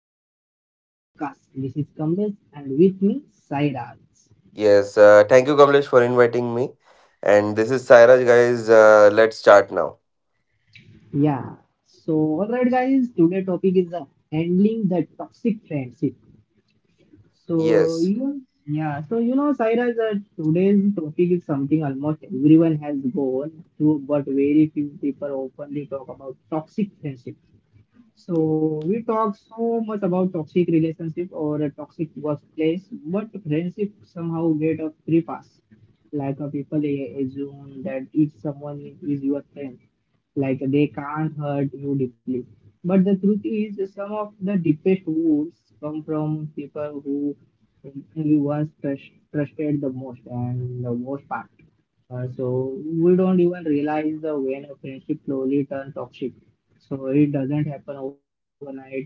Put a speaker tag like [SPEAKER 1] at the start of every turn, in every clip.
[SPEAKER 1] welcome back to our podcast. This is Kamlesh and with me Sairaj.
[SPEAKER 2] Yes, thank you, Kamlesh, for inviting me. And this is Sairaj, guys. Let's start now.
[SPEAKER 1] Yeah, so alright guys, today topic is handling the toxic friendship. So
[SPEAKER 2] Yes.
[SPEAKER 1] you Yeah, so, you know, Sairaj, today's topic is something almost everyone has gone through, but very few people openly talk about toxic friendship. So we talk so much about toxic relationship or a toxic workplace, but friendship somehow get a free pass. Like a assume that if someone is your friend, like they can't hurt you deeply. But the truth is, some of the deepest wounds come from people who you trusted the most and the most part. So we don't even realize the when a friendship slowly turns toxic. So it doesn't happen overnight,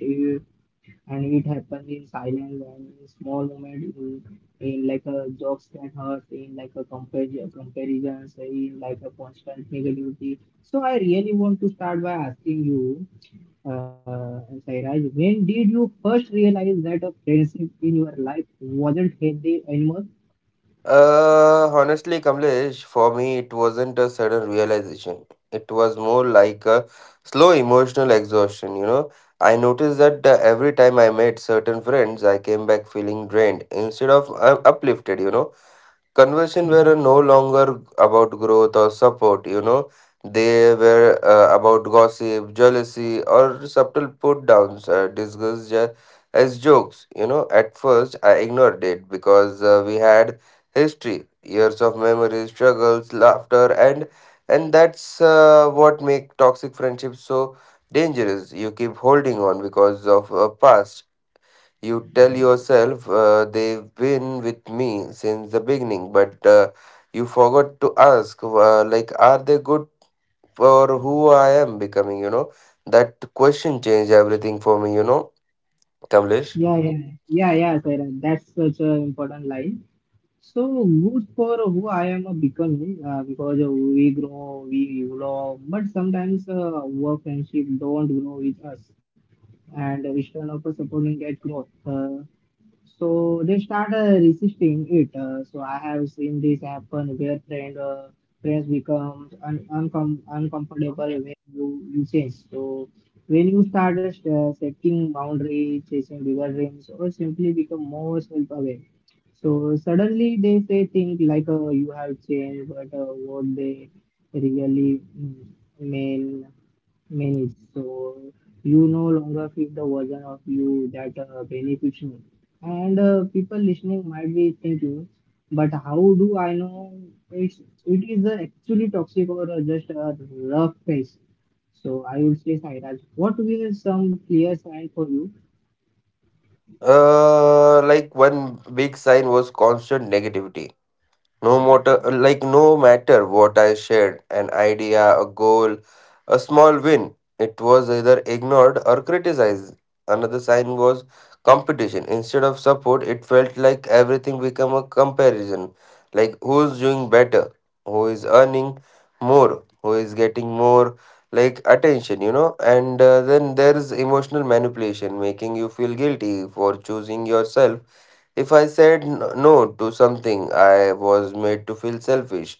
[SPEAKER 1] and it happens in silence and in small moments, in like a jokes that hurt, in like a comparisons, in like a constant negativity. So I really want to start by asking you, uh, Sairaj, when did you first realize that a friendship in your life wasn't healthy anymore?
[SPEAKER 2] Honestly, Kamlesh, for me, it wasn't a sudden realization. It was more like a slow emotional exhaustion. I noticed that every time I met certain friends, I came back feeling drained instead of uplifted. Conversation were no longer about growth or support. They were about gossip, jealousy, or subtle put downs, as jokes. At first, I ignored it because we had history, years of memories, struggles, laughter. And that's what make toxic friendships so dangerous. You keep holding on because of a past. You tell yourself, they've been with me since the beginning, but you forgot to ask, like, are they good for who I am becoming? That question changed everything for me, Kamlesh.
[SPEAKER 1] Yeah, yeah, yeah, yeah, Sairam. That's such an important line. So good for who I am a becoming, because we grow, we evolve, but sometimes work friendship don't grow with us, and we stand up for supporting that growth. So they start resisting it. So I have seen this happen where friends become uncomfortable when you change. So when you start setting boundaries, chasing bigger dreams, or simply become more self-aware, so suddenly they say things like you have changed, but what they really mean mean is so you no longer feel the version of you that benefits me. And people listening might be thinking, but how do I know it is actually toxic or just a rough phase? So I would say, Sairaj, what were some clear signs for you?
[SPEAKER 2] Like, one big sign was constant negativity. No matter what I shared, an idea, a goal, a small win, it was either ignored or criticized. Another sign was competition. Instead of support, it felt like everything became a comparison. Like, who's doing better, who is earning more, who is getting more, like, attention. And then there is emotional manipulation, making you feel guilty for choosing yourself. If I said no to something, I was made to feel selfish.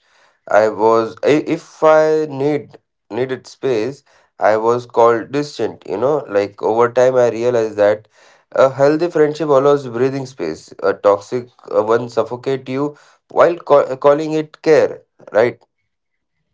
[SPEAKER 2] If I needed space, I was called distant, you know, like, over time I realized that a healthy friendship allows breathing space. A toxic one suffocate you while calling it care, right?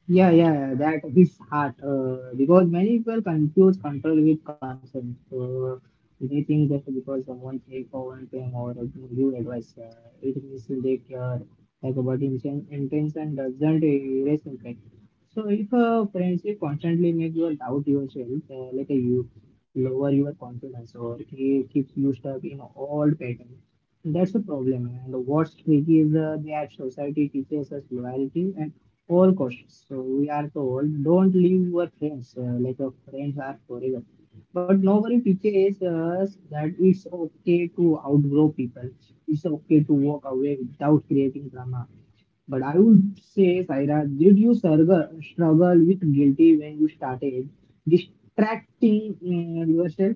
[SPEAKER 1] Yeah, yeah, that is hard because many people confuse control with consent. So they think just because someone take for one thing or give advice, it means they care. Like, but intention doesn't erase impact. So if a friendship constantly makes you doubt yourself, you lower your confidence or it keeps you stuck in old patterns, that's a problem. And what's tricky is that society teaches us loyalty and all cautious. So we are told don't leave your friends. Like your friends are forever. But nobody teaches us that it's okay to outgrow people. It's okay to walk away without creating drama. But I would say, Saira, did you struggle with guilty when you started distracting yourself?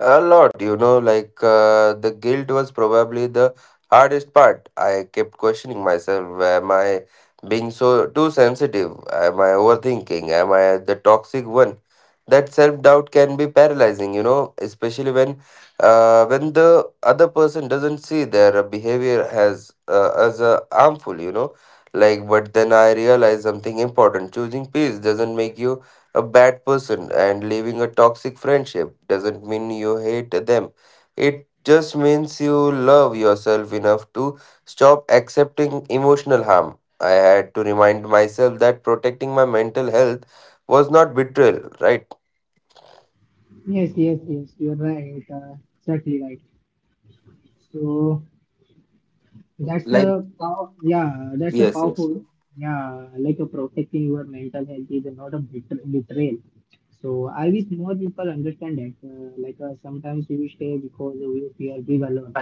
[SPEAKER 2] A lot, you know, like, the guilt was probably the hardest part. I kept questioning myself, am I being too sensitive? Am I overthinking? Am I the toxic one? That self-doubt can be paralyzing, you know, especially when the other person doesn't see their behavior as harmful. Like, but then I realized something important. Choosing peace doesn't make you a bad person, and leaving a toxic friendship doesn't mean you hate them. It just means you love yourself enough to stop accepting emotional harm. I had to remind myself that protecting my mental health was not betrayal, right?
[SPEAKER 1] Yes, yes, yes. You're right. Exactly right. So that's
[SPEAKER 2] Like,
[SPEAKER 1] the power, yeah, that's the
[SPEAKER 2] yes, yes.
[SPEAKER 1] powerful, yeah, like a protecting your mental health is not a betrayal. So I wish more people understand that. Sometimes we stay because we fear being alone,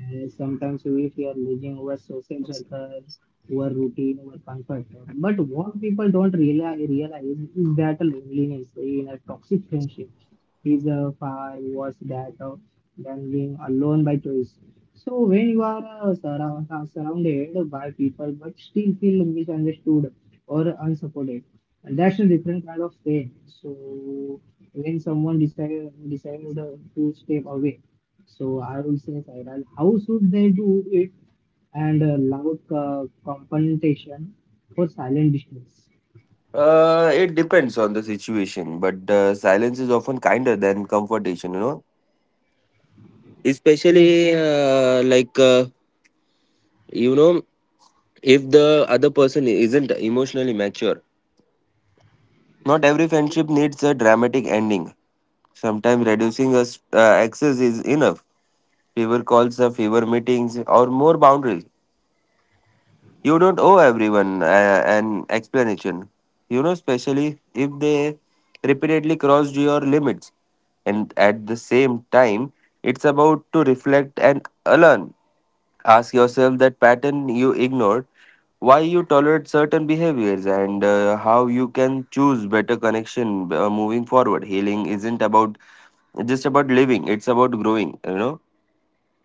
[SPEAKER 1] and sometimes if you are losing our social circles, our routine, our comfort. But what people don't realize is that loneliness in a toxic friendship is far worse that than being alone by choice. So when you are surrounded by people but still feel misunderstood or unsupported, and that's a different kind of pain. So when someone decided to step away, so I would say, Sairaj, how should they do it, and loud confrontation for silent distance?
[SPEAKER 2] It depends on the situation, but silence is often kinder than confrontation, you know?
[SPEAKER 1] Yes.
[SPEAKER 2] Especially, like, you know, if the other person isn't emotionally mature. Not every friendship needs a dramatic ending. Sometimes reducing us, access is enough. Fewer calls, fewer meetings, or more boundaries. You don't owe everyone an explanation. You know, especially if they repeatedly crossed your limits. And at the same time, it's about to reflect and learn. Ask yourself that pattern you ignored, why you tolerate certain behaviors, and how you can choose better connection moving forward. Healing isn't about just about living; it's about growing, you know.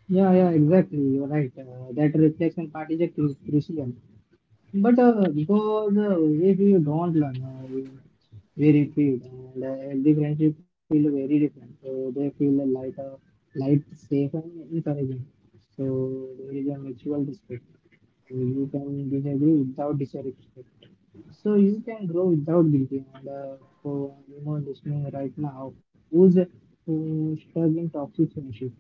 [SPEAKER 1] Yeah, yeah, exactly. You're right. That reflection part is a crucial. But because if you don't learn, we repeat, and healthy friendship feel very different. So they feel like a light, safe, and encouraging. So there is a mutual respect. You can disagree without disrespect. So you can grow without guilty. And for anyone listening right now who's who's struggling toxic friendship,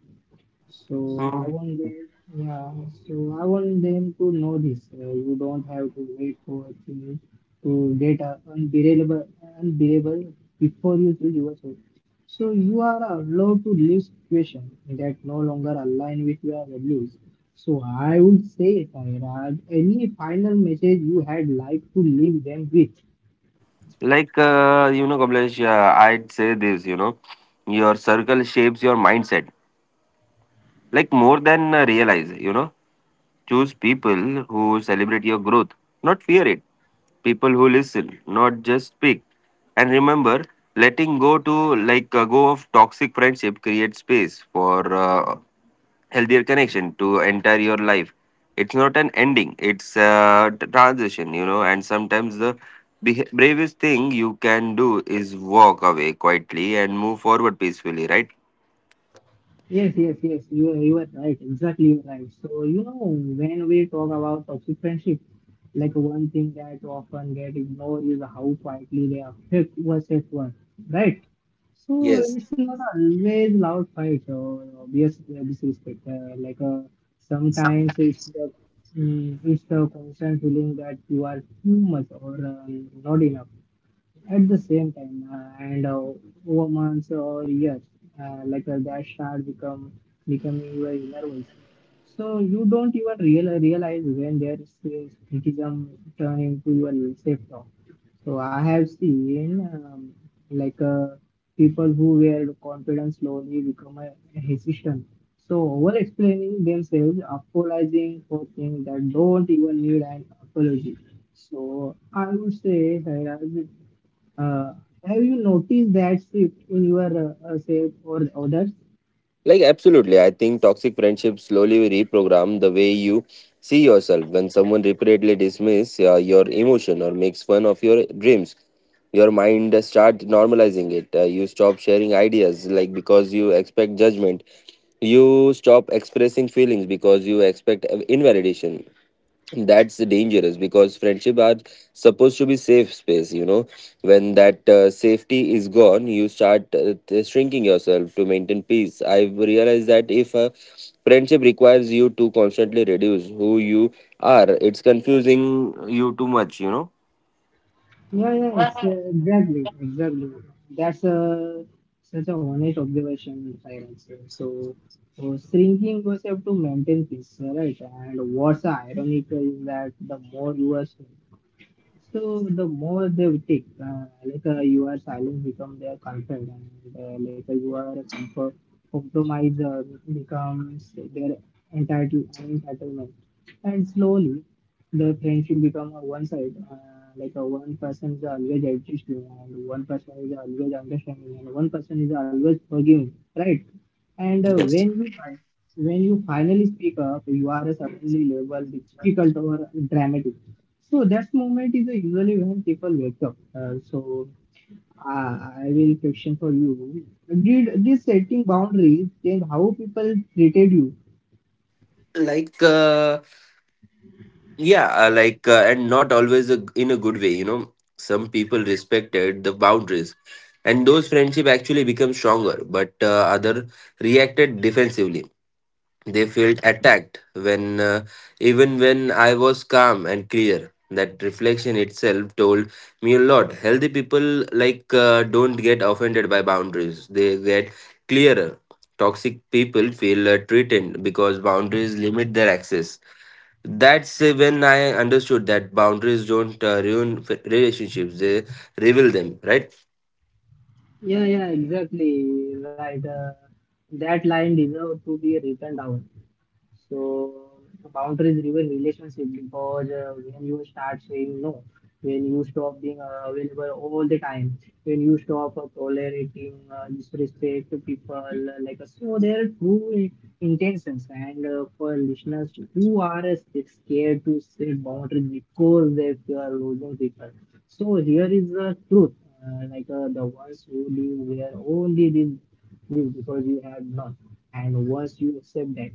[SPEAKER 1] so I
[SPEAKER 2] Mhm.
[SPEAKER 1] want them, yeah. So I want them to know this. You don't have to wait for a thing to get unbearable before you choose yourself. So you are allowed to list questions that no longer align with your values. So I would say, Sairaj, any final message you had like to leave them with?
[SPEAKER 2] Like, Kamlesh, I'd say this. You know, your circle shapes your mindset, like, more than realize. You know, choose people who celebrate your growth, not fear it. People who listen, not just speak. And remember, letting go to like, go of toxic friendship creates space for healthier connection to enter your life. It's not an ending; it's a transition, you know. And sometimes the bravest thing you can do is walk away quietly and move forward peacefully, right?
[SPEAKER 1] Yes, yes, yes. You were right. Exactly, you were right. So you know, when we talk about toxic friendship, like one thing that often get ignored is how quietly they affect us at work, right? So
[SPEAKER 2] Yes.
[SPEAKER 1] it's not always loud fights or obvious disrespect. Sometimes it's the it's the constant feeling that you are too much or not enough at the same time, and over months or years, that start become becoming very nervous. So you don't even realize when there is criticism turn into your self talk. So i have seen um, like uh, people who were confident slowly become hesitant, so over explaining themselves, apologizing for things that don't even need an apology. So I would say Sairaj, uh, have you noticed that shift in your self or others?
[SPEAKER 2] Like, absolutely. I think toxic friendships slowly reprogram the way you see yourself. When someone repeatedly dismisses your emotion or makes fun of your dreams, your mind start normalizing it. You stop sharing ideas, like, because you expect judgment. You stop expressing feelings because you expect invalidation. That's dangerous because friendship are supposed to be safe space, you know. When that safety is gone, you start shrinking yourself to maintain peace. I've realized that if a friendship requires you to constantly reduce who you are, it's confusing you too much.
[SPEAKER 1] Yeah, yeah, exactly, exactly. That's a such a honest observation, Cyrus. So, shrinking yourself to maintain peace, right? And what's ironic is that the more you are, so the more they will take, you are silent become their comfort, and you are a comfort compromise becomes their entitlement, and slowly the friendship become a one side. One person is always adjusting, and one person is always understanding, and one person is always forgiving, right? And uh,
[SPEAKER 2] Yes.
[SPEAKER 1] when you when you finally speak up, you are suddenly labeled difficult or dramatic. So that moment is usually when people wake up. Uh, I will question for you: did this setting boundaries change how people treated you?
[SPEAKER 2] Like uh, Yeah, like, and not always in a good way, you know. Some people respected the boundaries, and those friendship actually become stronger. But other reacted defensively. They felt attacked even when I was calm and clear. That reflection itself told me a lot. Healthy people, like, don't get offended by boundaries. They get clearer. Toxic people feel threatened because boundaries limit their access. That's when I understood that boundaries don't ruin relationships; they reveal them. Right?
[SPEAKER 1] Yeah, yeah, exactly right. That line deserves to be written down. So boundaries ruin relationship because when you start saying no, when you stop being available all the time, when you stop tolerating disrespect to people, so there are true intentions. And for listeners who are scared to set boundaries because they fear losing people, so here is the truth. The ones who live where only these is because you have none. And once you accept that,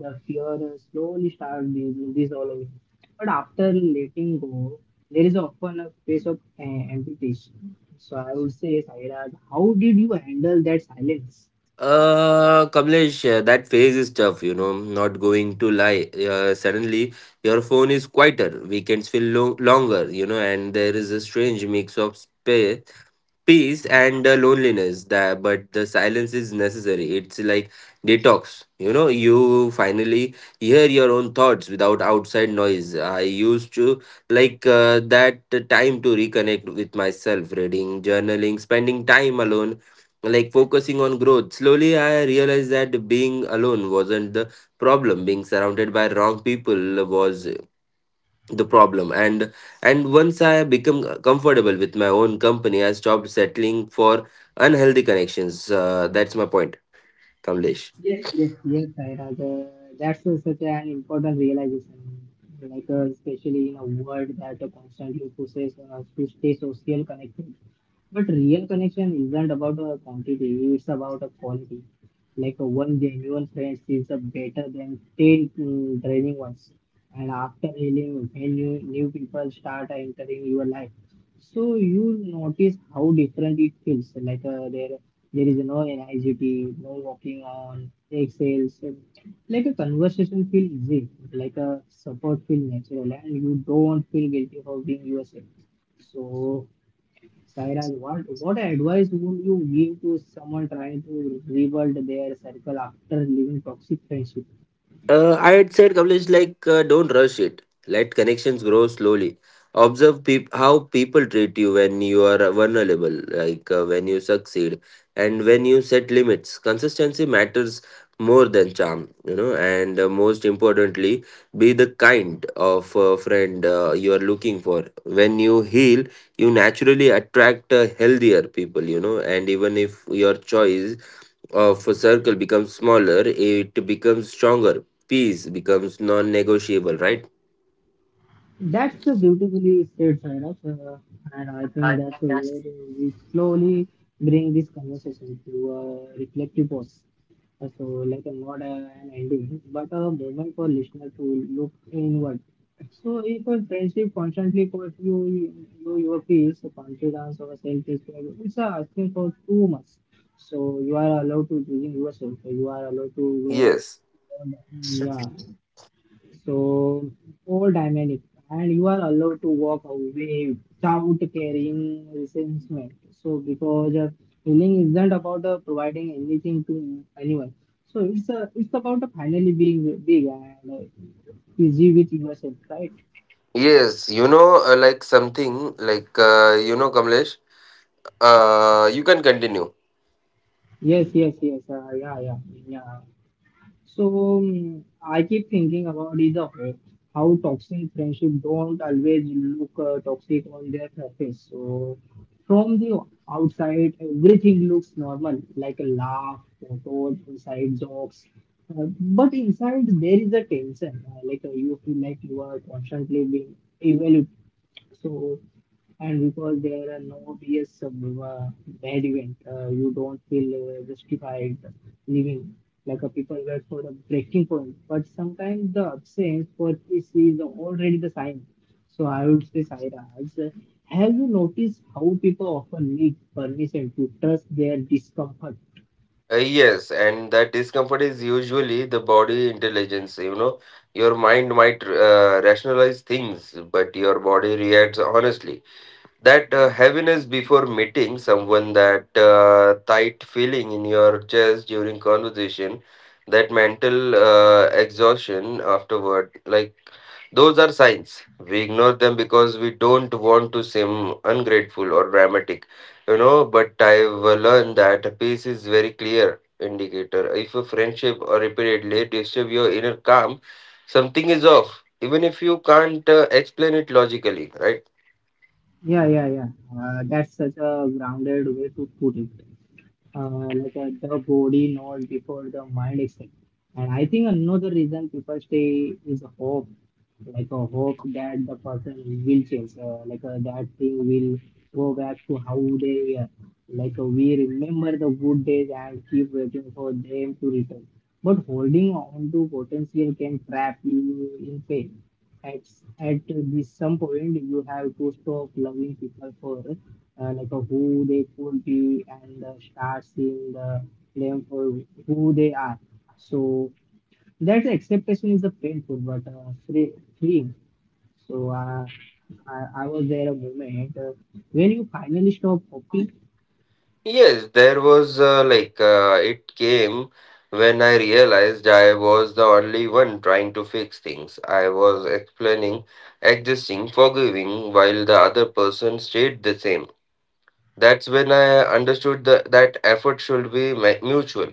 [SPEAKER 1] the fear slowly starts building this all over. But after letting go, there is often a phase of amputation. So I would say, Sairaj, how did you handle that silence?
[SPEAKER 2] Kamlesh, that phase is tough, you know, not going to lie. Suddenly, your phone is quieter, weekends feel longer, you know, and there is a strange mix of space, peace, and loneliness. That, but the silence is necessary. It's like detox, you know. You finally hear your own thoughts without outside noise. I used to, like, that time to reconnect with myself, reading, journaling, spending time alone, like focusing on growth. Slowly, I realized that being alone wasn't the problem; being surrounded by wrong people was the problem. And once I become comfortable with my own company, I stopped settling for unhealthy connections. That's my point, Kamlesh.
[SPEAKER 1] Yes, yes, yes, Sairaj. That's such an important realization, especially in a world that constantly pushes us to stay social connected. But real connection isn't about quantity; it's about quality. One genuine friend is better than ten draining ones. And after healing, when new people start entering your life, so you notice how different it feels. Like, there is no anxiety, no walking on eggshells. Like a conversation feel easy, like a support feel natural, and you don't feel guilty for being yourself. So, Sairaj, what advice would you give to someone trying to rebuild their circle after leaving toxic friendship?
[SPEAKER 2] I had said, Kamlesh, like, don't rush it. Let connections grow slowly. Observe how people treat you when you are vulnerable, like, when you succeed, and when you set limits. Consistency matters more than charm, you know, and most importantly, be the kind of friend you are looking for. When you heal, you naturally attract healthier people, you know, and even if your choice of a circle becomes smaller, it becomes stronger. Peace becomes non negotiable, right?
[SPEAKER 1] That's the beautifully said, Sairaj, and I think that's the way we slowly bring this conversation to a reflective pause. So, not an ending, but a moment for listener to look inward. So, if a friendship constantly costs you your peace, confidence, or self-respect, it's asking for too much. So, you are allowed to choosing yourself.
[SPEAKER 2] Yes.
[SPEAKER 1] You are allowed to grow. Yeah, so all dynamic, and you are allowed to walk away without carrying resentment. So because healing isn't about providing anything to anyone. So it's about finally being big and easy with yourself, right?
[SPEAKER 2] Yes. You know, like, something like, Kamlesh, you can continue.
[SPEAKER 1] Yes, yes, yes. Yeah, yeah, yeah. So I keep thinking about is a hope how toxic friendship don't always look toxic on their surface. So from the outside, everything looks normal, like a laugh, photos, inside jokes. But inside, there is a tension. You feel like you are constantly being evaluated so, and because there are no obvious bad event, you don't feel justified living like a people wait for the breaking point. But sometimes the absence for this is already the sign. So I would say, Sairaj, have you noticed how people often need permission to trust their discomfort?
[SPEAKER 2] Yes. And that discomfort is usually the body intelligence. You know, your mind might rationalize things, but your body reacts honestly. That heaviness before meeting someone, that tight feeling in your chest during conversation, that mental exhaustion afterward, like, those are signs. We ignore them because we don't want to seem ungrateful or dramatic, you know. But I've learned that a peace is very clear indicator. If a friendship or repeatedly disturb your inner calm, something is off even if you can't explain it logically, right?
[SPEAKER 1] Yeah, yeah, yeah. That's such a grounded way to put it. uh, the body not before the mind itself. And I think another reason people stay is hope, like a hope that the person will change, that thing will go back to how they were. We remember the good days and keep waiting for them to return. But holding on to potential can trap you in pain. At, at this some point, you have to stop loving people for who they could be and start seeing the them for who they are. So that acceptation is a painful but freeing. So uh, I was there a moment when you finally stop hoping.
[SPEAKER 2] Yes, there was like it came when I realized I was the only one trying to fix things. I was explaining, adjusting, forgiving, while the other person stayed the same. That's when I understood that effort should be mutual.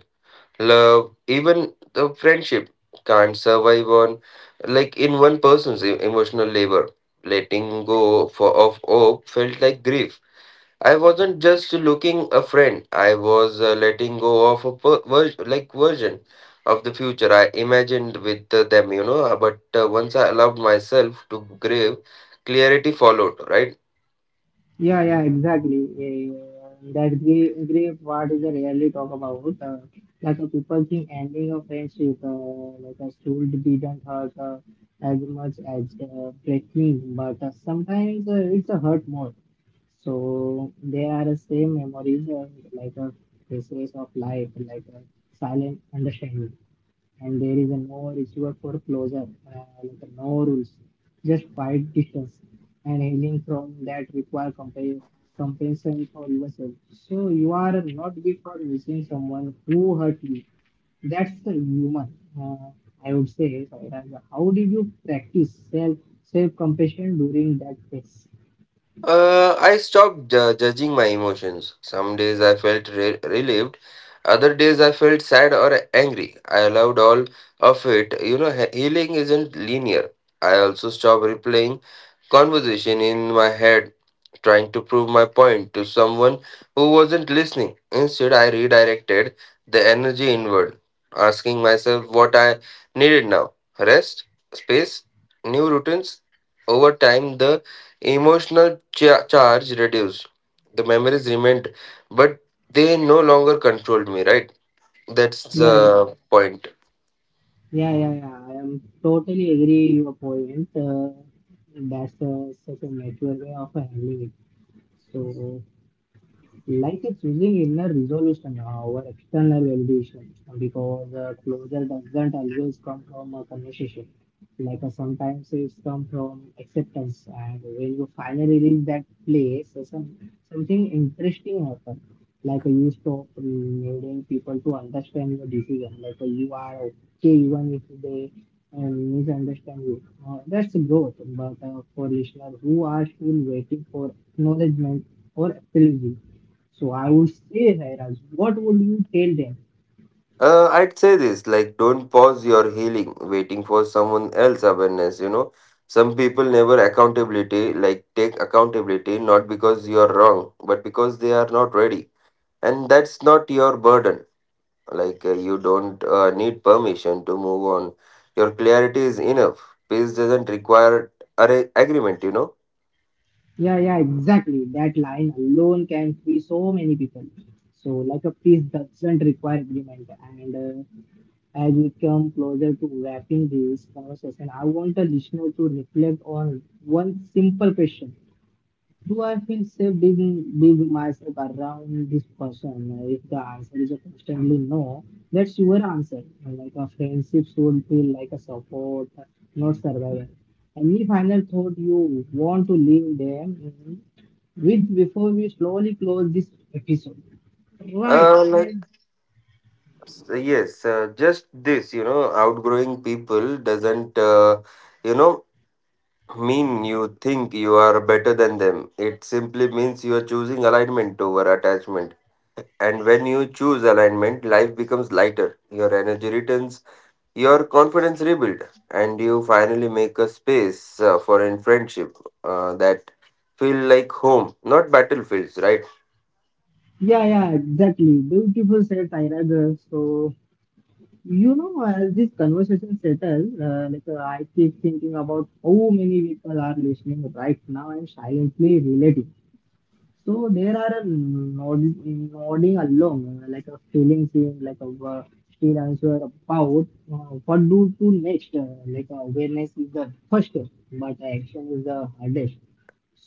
[SPEAKER 2] Love, even the friendship, can't survive on, like, in one person's emotional labor. Letting go of hope felt like grief. I wasn't just looking a friend. I was letting go of a like, version of the future I imagined with them, you know. But once I allowed myself to grieve, clarity followed. Right?
[SPEAKER 1] Yeah, yeah, exactly. Yeah, yeah. That gray part is a rarely talk about. People think ending a friendship, like a stool didn't hurt as much as breaking, but sometimes it's a hurt more. So they are the same memories, like a phases of life, like a silent understanding, and there is a no receiver for closer, like a no rules, just fight distance and healing from that require compensation for yourself. So you are not good for missing someone who hurt you. That's the human. Uh, I would say, Sairaj, how did you practice self self compassion during that phase?
[SPEAKER 2] I stopped judging my emotions. Some days I felt relieved. Other days I felt sad or angry. I allowed all of it. You know, healing isn't linear. I also stopped replaying conversation in my head, trying to prove my point to someone who wasn't listening. Instead, I redirected the energy inward, asking myself what I needed now: rest, space, new routines. Over time, the emotional charge reduced. The memories remained, but they no longer controlled me, right? That's
[SPEAKER 1] Yeah,
[SPEAKER 2] the point.
[SPEAKER 1] yeah, yeah, yeah. I am totally agree your point. That's such a natural way of handling it. So like it's using inner resolution over external validation because closure doesn't always come from a conversation. Sometimes it's come from acceptance, and when you finally reach that place, something interesting happens. You stop needing people to understand your decision. You are okay even if they misunderstand you. That's growth. But for listeners who are still waiting for acknowledgement or apology, so I would say, Hairaj, what would you tell them?
[SPEAKER 2] I'd say this, like, don't pause your healing waiting for someone else awareness. You know, some people never accountability, like, take accountability not because you're wrong, but because they are not ready. And that's not your burden. Like, you don't need permission to move on. Your clarity is enough. Peace doesn't require agreement, you know.
[SPEAKER 1] Yeah, yeah, exactly. That line alone can free so many people. So, like a piece doesn't require agreement. And as we come closer to wrapping this conversation, I want the listener to reflect on one simple question. Do I feel safe being myself around this person? If the answer is a constantly no, that's your answer. Like a friendship should feel like a support, not survival. Any final thought you want to leave them with before we slowly close this episode? Right. Well,
[SPEAKER 2] Like, so yes, just this, you know, outgrowing people doesn't, you know, mean you think you are better than them. It simply means you are choosing alignment over attachment. And when you choose alignment, life becomes lighter. Your energy returns, your confidence rebuilds, and you finally make a space for in friendship that feel like home, not battlefields, right?
[SPEAKER 1] yeah, yeah, exactly. Beautiful said Tyragar. So you know, as this conversation settles, I keep thinking about how many people are listening right now and silently relating. So there are a nodding along, like a feeling, seeing like a still answer about uh, what do to next. Awareness is the first step, but action is the hardest.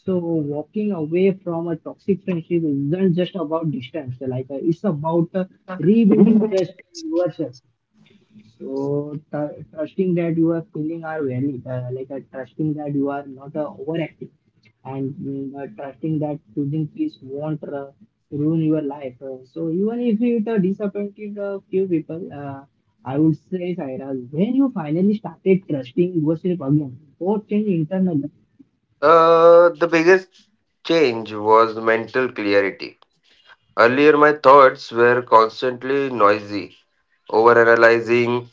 [SPEAKER 1] So walking away from a toxic friendship isn't just about distance. It's about rebuilding trust in yourself. So trusting that your feeling are valid, trusting that you are not overactive, and trusting that choosing peace won't ruin your life. So even if it disappointed a few people, I would say, Saira, when you finally started trusting yourself again, what changed internally?
[SPEAKER 2] The biggest change was mental clarity. Earlier, my thoughts were constantly noisy, overanalyzing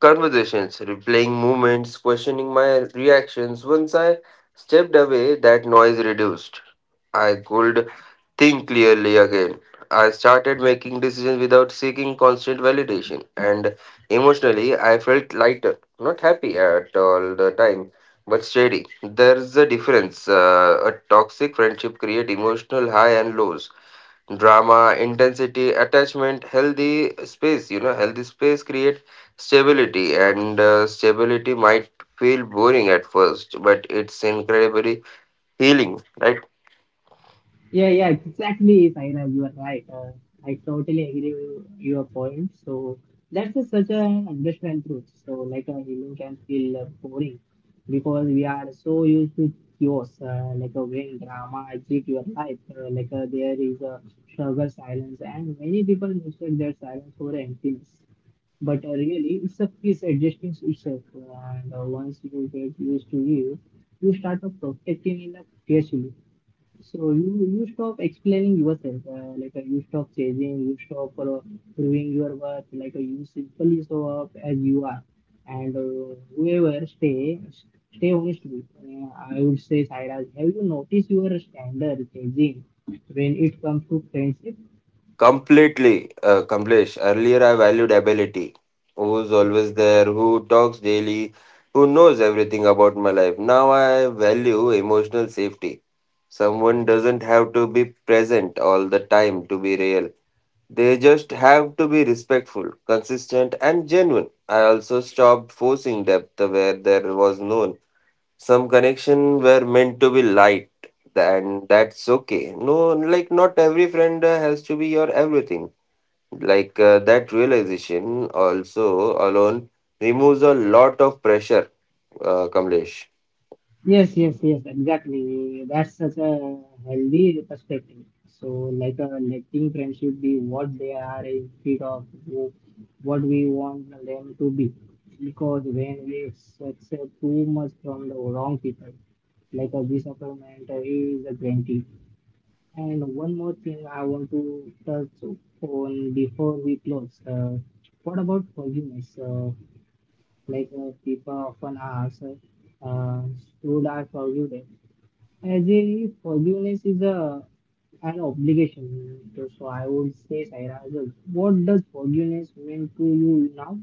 [SPEAKER 2] conversations, replaying moments, questioning my reactions. Once I stepped away, that noise reduced. I could think clearly again. I started making decisions without seeking constant validation, and emotionally, I felt lighter. Not happy at all the time, but steady. There's a difference. A toxic friendship creates emotional high and lows, drama, intensity, attachment. Healthy space, you know, healthy space create stability, and stability might feel boring at first, but it's incredibly healing, right?
[SPEAKER 1] Yeah, yeah, exactly, Saira. You are right. I totally agree with your point. So that's a, such an understand truth. So like a healing can feel boring because we are so used to chaos, like a when drama exit your life, there is a struggle, silence, and many people mistake that silence for emptiness. But really, it's a piece adjusting to itself, and once you get used to it, you start to protecting enough carefully so you stop explaining yourself, you stop chasing, you stop proving your worth, you simply show up as you are, and whoever stay honest with. I would say, Sairaj, have you noticed your standard changing when it comes to friendship?
[SPEAKER 2] Completely. Complex. Earlier, I valued ability, who's always there, who talks daily, who knows everything about my life. Now I value emotional safety. Someone doesn't have to be present all the time to be real. They just have to be respectful, consistent, and genuine. I also stopped forcing depth where there was none. Some connection were meant to be light, and that's okay. No, like, not every friend has to be your everything. That realization also alone removes a lot of pressure, Kamlesh.
[SPEAKER 1] Yes, yes, yes, exactly. That's such a healthy perspective. So, letting friendship be what they are instead of what we want them to be. Because when we accept too much from the wrong people, like a disappointment is a guarantee. And one more thing I want to touch on before we close. What about forgiveness? People often ask, uh, should I forgive them? As a forgiveness is a an obligation, so I would say, Saira, what does forgiveness mean to you now?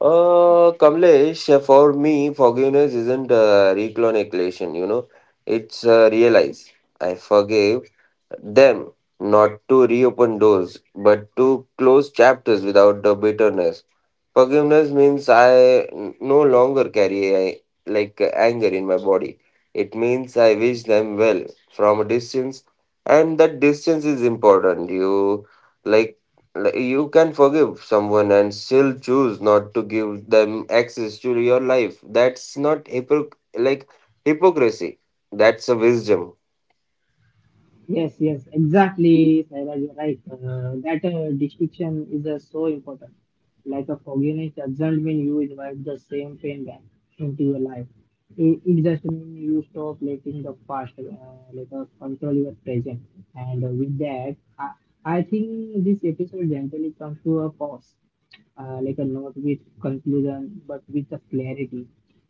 [SPEAKER 2] Kamlesh, for me, forgiveness isn't recalculation, you know, it's realize. I forgive them not to reopen doors, but to close chapters without the bitterness. Forgiveness means I no longer carry like, anger in my body. It means I wish them well from a distance, and that distance is important. You like like, you can forgive someone and still choose not to give them access to your life. That's not hypocrisy. That's a wisdom.
[SPEAKER 1] Yes, yes, exactly, Saira, you're right. That distinction is so important. Like a forgiveness doesn't mean you invite the same pain back into your life. It just means you stop letting the past control your present. And with that, I think this episode generally comes to a pause, like a not with conclusion, but with a clarity.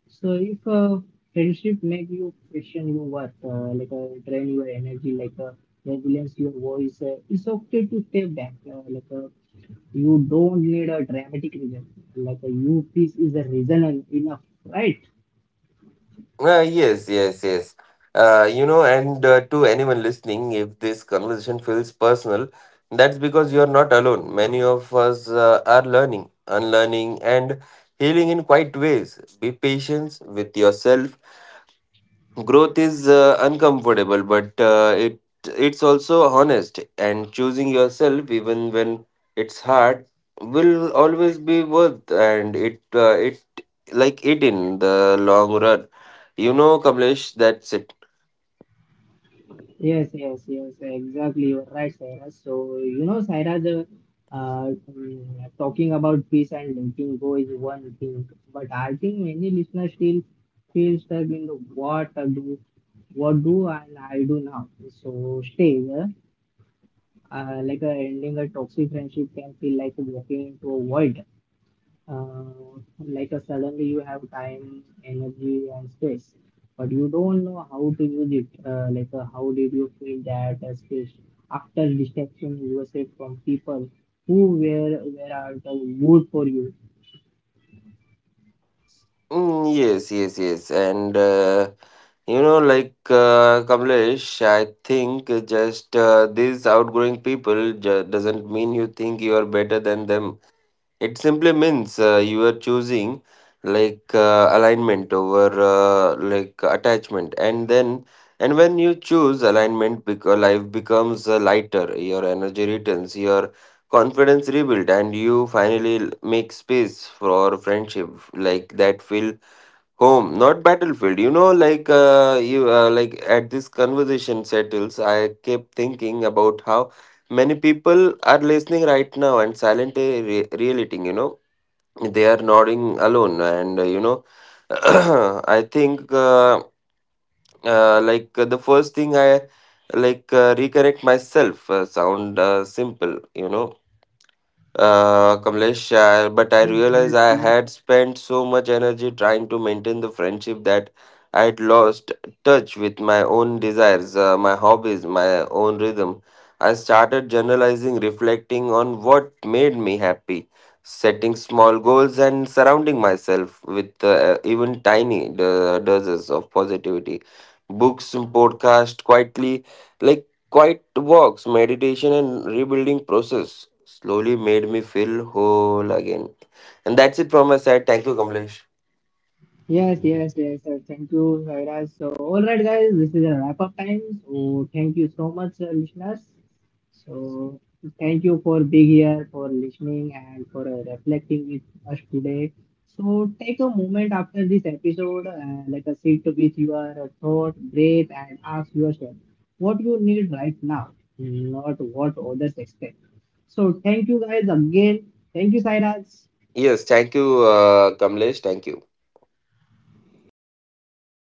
[SPEAKER 1] So if friendship make you question your worth, drain your energy, resilience your voice, it's okay to step back. You don't need a dramatic reason. Like you peace is a reason enough, right?
[SPEAKER 2] Yes, yes, yes. You know, and to anyone listening, if this conversation feels personal, that's because you're not alone. Many of us are learning, unlearning, and healing in quiet ways. Be patient with yourself. Growth is uncomfortable, but it's also honest. And choosing yourself, even when it's hard, will always be worth. And it, like, it in the long run. You know, Kamlesh, that's it.
[SPEAKER 1] Yes, yes, yes, exactly. You're right, Saira. So, you know, Saira, the talking about peace and letting go is one thing, but I think many listeners still feel stuck in the what I do, what do and I do now. So, stay like ending a toxic friendship can feel like walking into a void, uh, like a suddenly you have time, energy, and space, but you don't know how to use it. How did you feel that space after distraction yourself from people who were at the wood for you?
[SPEAKER 2] Mm, yes, yes, yes. And Kamlesh, I think just these outgrowing people doesn't mean you think you are better than them. It simply means you are choosing, like, alignment over like, attachment, and then and when you choose alignment, because life becomes lighter, your energy returns, your confidence rebuilt, and you finally make space for friendship, like, that feels home, not battlefield. You know, like you like at this conversation settles, I kept thinking about how many people are listening right now and silently relating. You know, they are nodding alone, and I think the first thing I, like, recorrect myself sound simple. You know, Kamlesh, but I
[SPEAKER 1] Yes,
[SPEAKER 2] realized
[SPEAKER 1] yes,
[SPEAKER 2] I
[SPEAKER 1] yes.
[SPEAKER 2] had spent so much energy trying to maintain the friendship that I had lost touch with my own desires, my hobbies, my own rhythm. I started journalizing, reflecting on what made me happy, setting small goals, and surrounding myself with even tiny doses of positivity. Books, podcast, quietly, like, quiet walks, meditation, and rebuilding process slowly made me feel whole again. And that's it from my side. Thank you, Kamlesh.
[SPEAKER 1] Yes, yes, yes, sir. Thank you, Sairaj. So, all right, guys, this is a wrap up time. So, thank you so much, listeners. So, thank you for being here, for listening, and for reflecting with us today. So, take a moment after this episode, let us sit with your thought, breathe, and ask yourself what you need right now, not what others expect. So, thank you guys again. Thank you, Sairaj.
[SPEAKER 2] Yes, thank you, Kamlesh. Thank you.